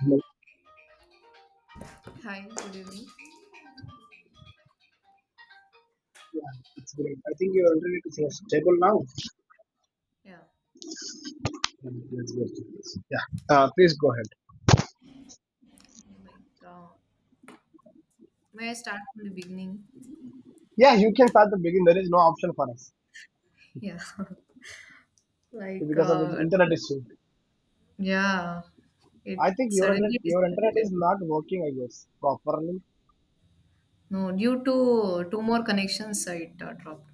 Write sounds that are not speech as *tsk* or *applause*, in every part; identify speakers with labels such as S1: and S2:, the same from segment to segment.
S1: No.
S2: Hi, good evening.
S1: Yeah, it's great. I think your internet is more stable now.
S2: Yeah,
S1: That's good. Yeah, Please go ahead.
S2: like, uh, may I start from the beginning?
S1: Yeah, you can start the beginning. There is no option for us
S2: Yeah, *laughs* like,
S1: because of the
S2: uh,
S1: internet issue.
S2: yeah, it
S1: I think
S2: suddenly
S1: your internet
S2: disconnected.
S1: is not working, I guess, properly.
S2: No, due to two more connections, it dropped.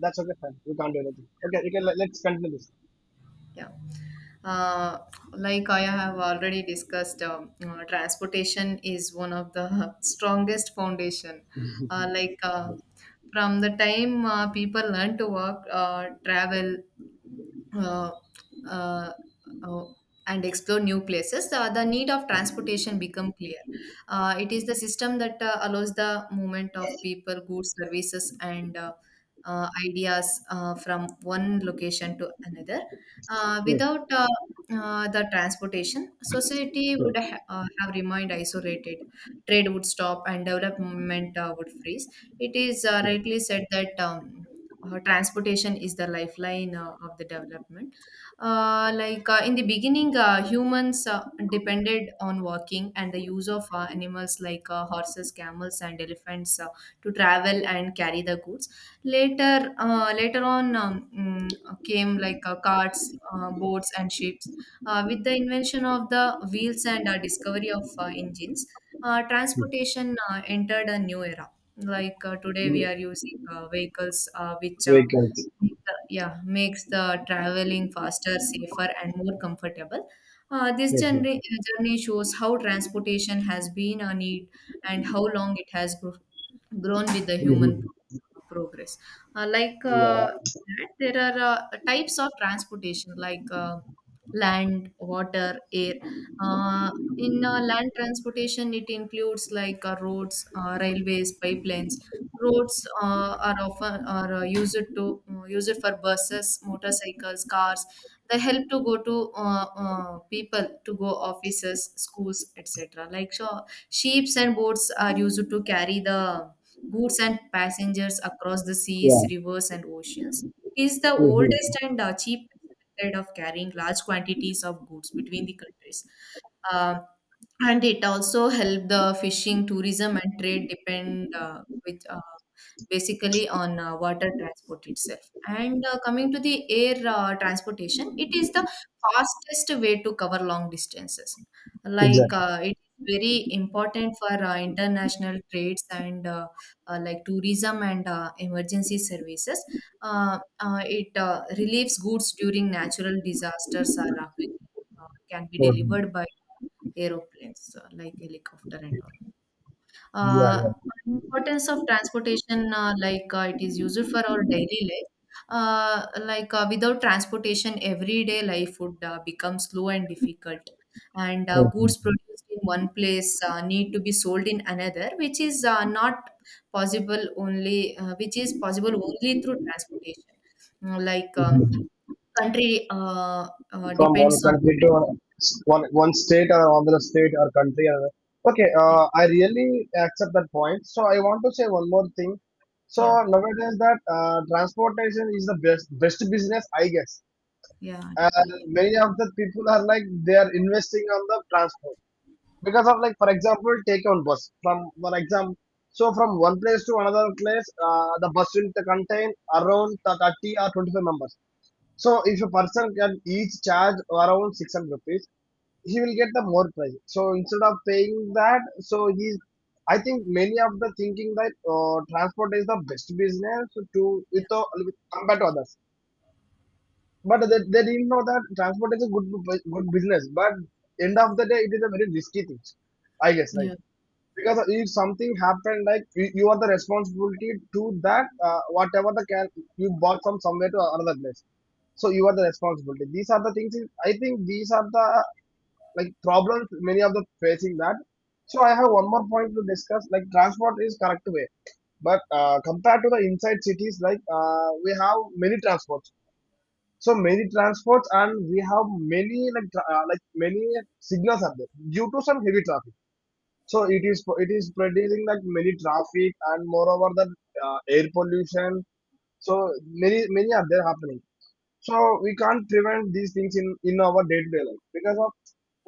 S1: That's okay, fine. We can't do anything. Okay, you can let's continue this.
S2: Yeah, uh, like I have already discussed, transportation is one of the *laughs* strongest foundation. Uh, like, uh, from the time people learn to walk, travel, uh, uh, uh, and explore new places, the need of transportation become clear. It is the system that allows the movement of people, goods, services, and ideas from one location to another. Uh,
S1: Hmm.
S2: without uh, uh, the transportation, society would
S1: Hmm,
S2: have remained isolated. Trade would stop and development would freeze. It is
S1: hmm,
S2: rightly said that transportation is the lifeline of the development. In the beginning, humans depended on walking and the use of animals like horses, camels, and elephants to travel and carry the goods. Later on came like carts, boats, and ships. With the invention of the wheels and discovery of engines,
S1: hmm,
S2: transportation entered a new era. Today, we
S1: hmm.
S2: are using vehicles uh, which uh,
S1: Vehicles.
S2: make the- yeah makes the traveling faster, safer, and more comfortable. This
S1: Hmm, hmm,
S2: journey shows how transportation has been a need and how long it has grown with the
S1: hmm,
S2: human
S1: hmm.
S2: progress. Uh, like
S1: Yeah,
S2: uh, there are types of transportation like land, water, air. Uh, in land transportation, it includes like roads, railways, pipelines. Roads are often are used to used for buses, motorcycles, cars. They help to go to people to go offices, schools, etc. Ships and boats are used to carry the goods and passengers across the
S1: yeah.
S2: seas, rivers, and oceans. Is the
S1: Hmm, hmm, hmm.
S2: oldest and cheapest method of carrying large quantities of goods between the countries. Um, and it also help the fishing tourism and trade depend with basically on water transport itself. And coming to the air transportation, it is the fastest way to cover long distances.
S1: Exactly.
S2: It is very important for international trades and like tourism and emergency services. It relieves goods during natural disasters. Are can be
S1: Hmm, hmm.
S2: delivered by aeroplanes like helicopter and all.
S1: Yeah,
S2: Uh,
S1: yeah.
S2: importance of transportation, it is used for our daily life. Without transportation, everyday life would become slow and difficult. And
S1: Hmm,
S2: goods
S1: hmm,
S2: produced in one place need to be sold in another, which is not possible only, which is possible only through transportation. Mm, Like
S1: hmm,
S2: um
S1: hmm.
S2: country
S1: From one
S2: depends on.
S1: country to one state or another state or country or okay.
S2: Yeah.
S1: I really accept that point, so I want to say one more thing. So
S2: Yeah.
S1: nowadays, that transportation is the best business, I guess.
S2: Yeah,
S1: uh,
S2: definitely.
S1: Many of the people are like they are investing on the transport because of, like, for example, take on bus from one example. So from one place to another place, the bus will contain around 30 or 25 members. So if a person can each charge around 600 rupees, he will get the more price. So instead of paying that, so he's, I think many of the thinking that transport is the best business to
S2: Yeah.
S1: with, compared to others. But they didn't know that transport is a good good business. But end of the day, it is a very risky thing, I guess, right?
S2: Yeah.
S1: Because if something happened, like you are the responsibility to that, whatever the can you bought from somewhere to another place, so you are the responsibility. These are the things, I think these are the, like, problems many of the facing that. So I have one more point to discuss. Like, transport is correct way, but compared to the inside cities, like, we have many transports. So many transports, and we have many like like many signals are there due to some heavy traffic. So it is producing like many traffic, and moreover the air pollution. So many many are there happening. So we can't prevent these things in our day-to-day life because of,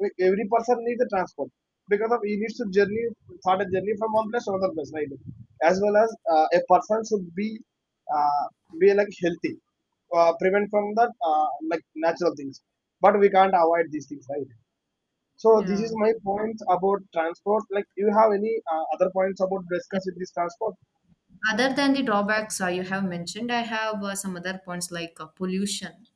S1: like, every person needs a transport because of he needs to journey, start a journey from one place to another place, right? As well as a person should uh, be like healthy, prevent from that, like natural things, but we can't avoid these things, right? So this is
S2: Yeah.
S1: my point about transport. Like, you have any other points about discuss with this transport?
S2: Other than the drawbacks you have mentioned, I have some other points like pollution.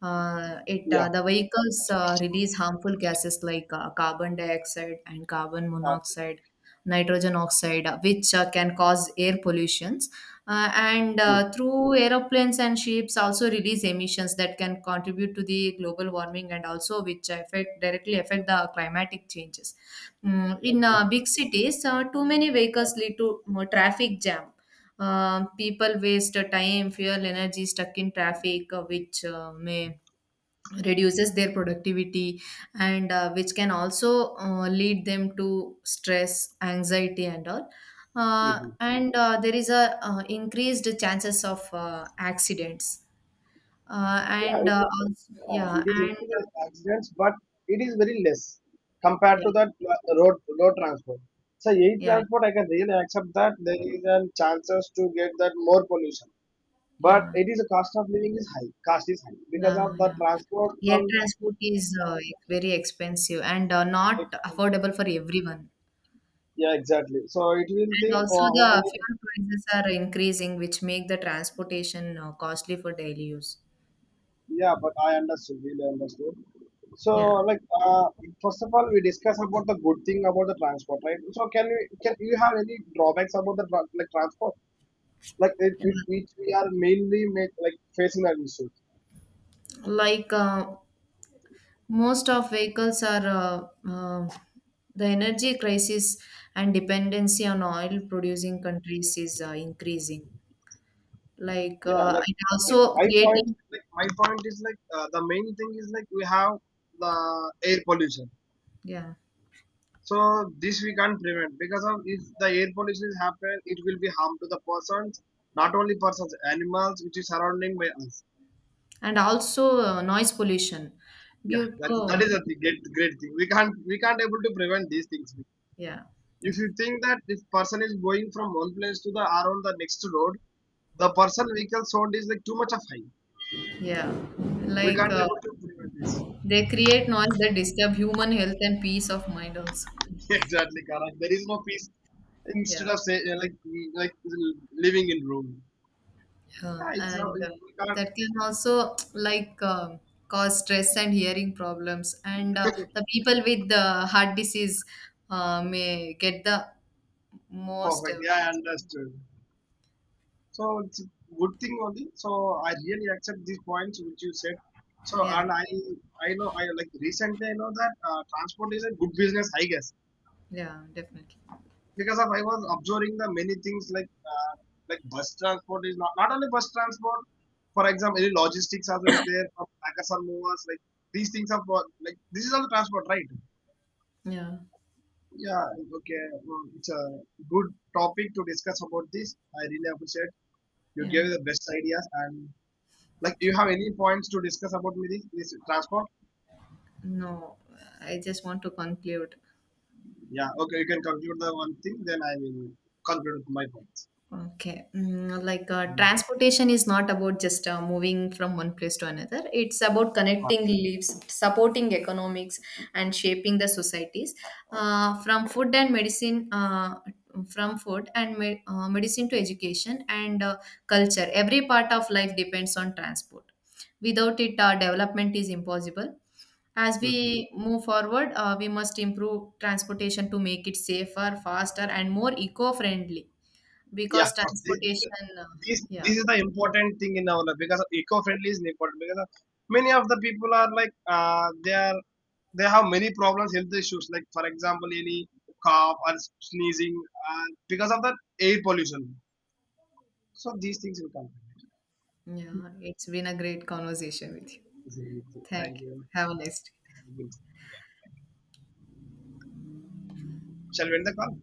S2: It
S1: Yeah.
S2: The vehicles release harmful gases like carbon dioxide and carbon
S1: Uh,
S2: monoxide, nitrogen oxide, which can cause air pollutions. And
S1: mm,
S2: through aeroplanes and ships also release emissions that can contribute to the global warming and also which affect directly affect the climatic changes. In
S1: exactly.
S2: big cities, too many vehicles lead to more traffic jam. People waste time, fuel, energy stuck in traffic, which may reduces their productivity and which can also lead them to stress, anxiety, and all.
S1: Mhm.
S2: And there is a increased chances of accidents.
S1: Yeah, it is, yeah,
S2: Yeah,
S1: it is
S2: and
S1: increasing accidents, but it is very less compared
S2: yeah,
S1: to that road transport. So air
S2: yeah,
S1: transport, I can really accept that there is a chances to get that more pollution, but
S2: yeah,
S1: it is a cost of living is high. Cost is high because
S2: yeah,
S1: of the
S2: yeah.
S1: transport
S2: Air
S1: from.
S2: transport is very expensive and not affordable for everyone.
S1: Yeah, exactly. So it will
S2: And
S1: think
S2: also the
S1: only.
S2: fuel prices are increasing, which make the transportation costly for daily use.
S1: Yeah, but I understood, really understood. So,
S2: Yeah.
S1: like, uh, first of all, we discuss about the good thing about the transport, right? So, can you have any drawbacks about the like transport, like which we are mainly make, like facing that issue?
S2: Like uh, Most of vehicles are the energy crisis and dependency on oil producing countries is increasing.
S1: Yeah,
S2: It also creating.
S1: like my point is like the main thing is like we have the air pollution.
S2: Yeah,
S1: So this we can't prevent because of if the air pollution is happen, it will be harm to the persons, not only persons, animals which is surrounding by us.
S2: and also noise pollution. But oh
S1: That is
S2: yeah,
S1: a great, great thing. We can't able to prevent these things.
S2: yeah,
S1: If you think that if person is going from one place to the around the next road, the person vehicle sound is like too much of high.
S2: yeah.
S1: We
S2: like.
S1: can't
S2: Uh,
S1: able to prevent this.
S2: They create noise that disturb human health and peace of mind also.
S1: *laughs* Exactly, correct. There is no peace
S2: Yeah.
S1: instead of say like like living in room.
S2: And
S1: We can't
S2: that can also *tsk* cause stress and hearing problems. And the people with the heart disease may get the most.
S1: perfect. Yeah, I understood. So it's a good thing only. So I really accept these points which you said. So
S2: Yeah.
S1: and I know, I like recently I know that transport is a good business, I guess,
S2: Yeah, definitely.
S1: because of I was observing the many things like, like bus transport is not only bus transport. For example, any logistics also is there from packers and movers, like these things are like this is all transport, right?
S2: Yeah.
S1: Yeah, okay. It's a good topic to discuss about this. I really appreciate you
S2: Yeah.
S1: gave the best ideas and, like, do you have any points to discuss about this transport?
S2: No, I just want to conclude.
S1: Yeah, okay, you can conclude the one thing, then I will conclude with my points.
S2: Okay.
S1: Mm.
S2: Transportation is not about just moving from one place to another. It's about
S1: Ah,
S2: connecting lives, supporting economics, and shaping the societies. From food and medicine, from food and me- medicine to education and culture, every part of life depends on transport. Without it, development is impossible. As we move forward, we must improve transportation to make it safer, faster, and more eco-friendly
S1: yeah,
S2: because
S1: first,
S2: transportation. Yeah,
S1: this is the important thing in our life because eco-friendly is important because many of the people are like they are, they have many problems, health issues, like for example any cough or sneezing because of the air pollution. So these things will come.
S2: yeah, it's been a great conversation with you.
S1: This is it.
S2: Thank
S1: Thank
S2: you,
S1: you.
S2: have a nice day.
S1: Thank you. Shall we end the call?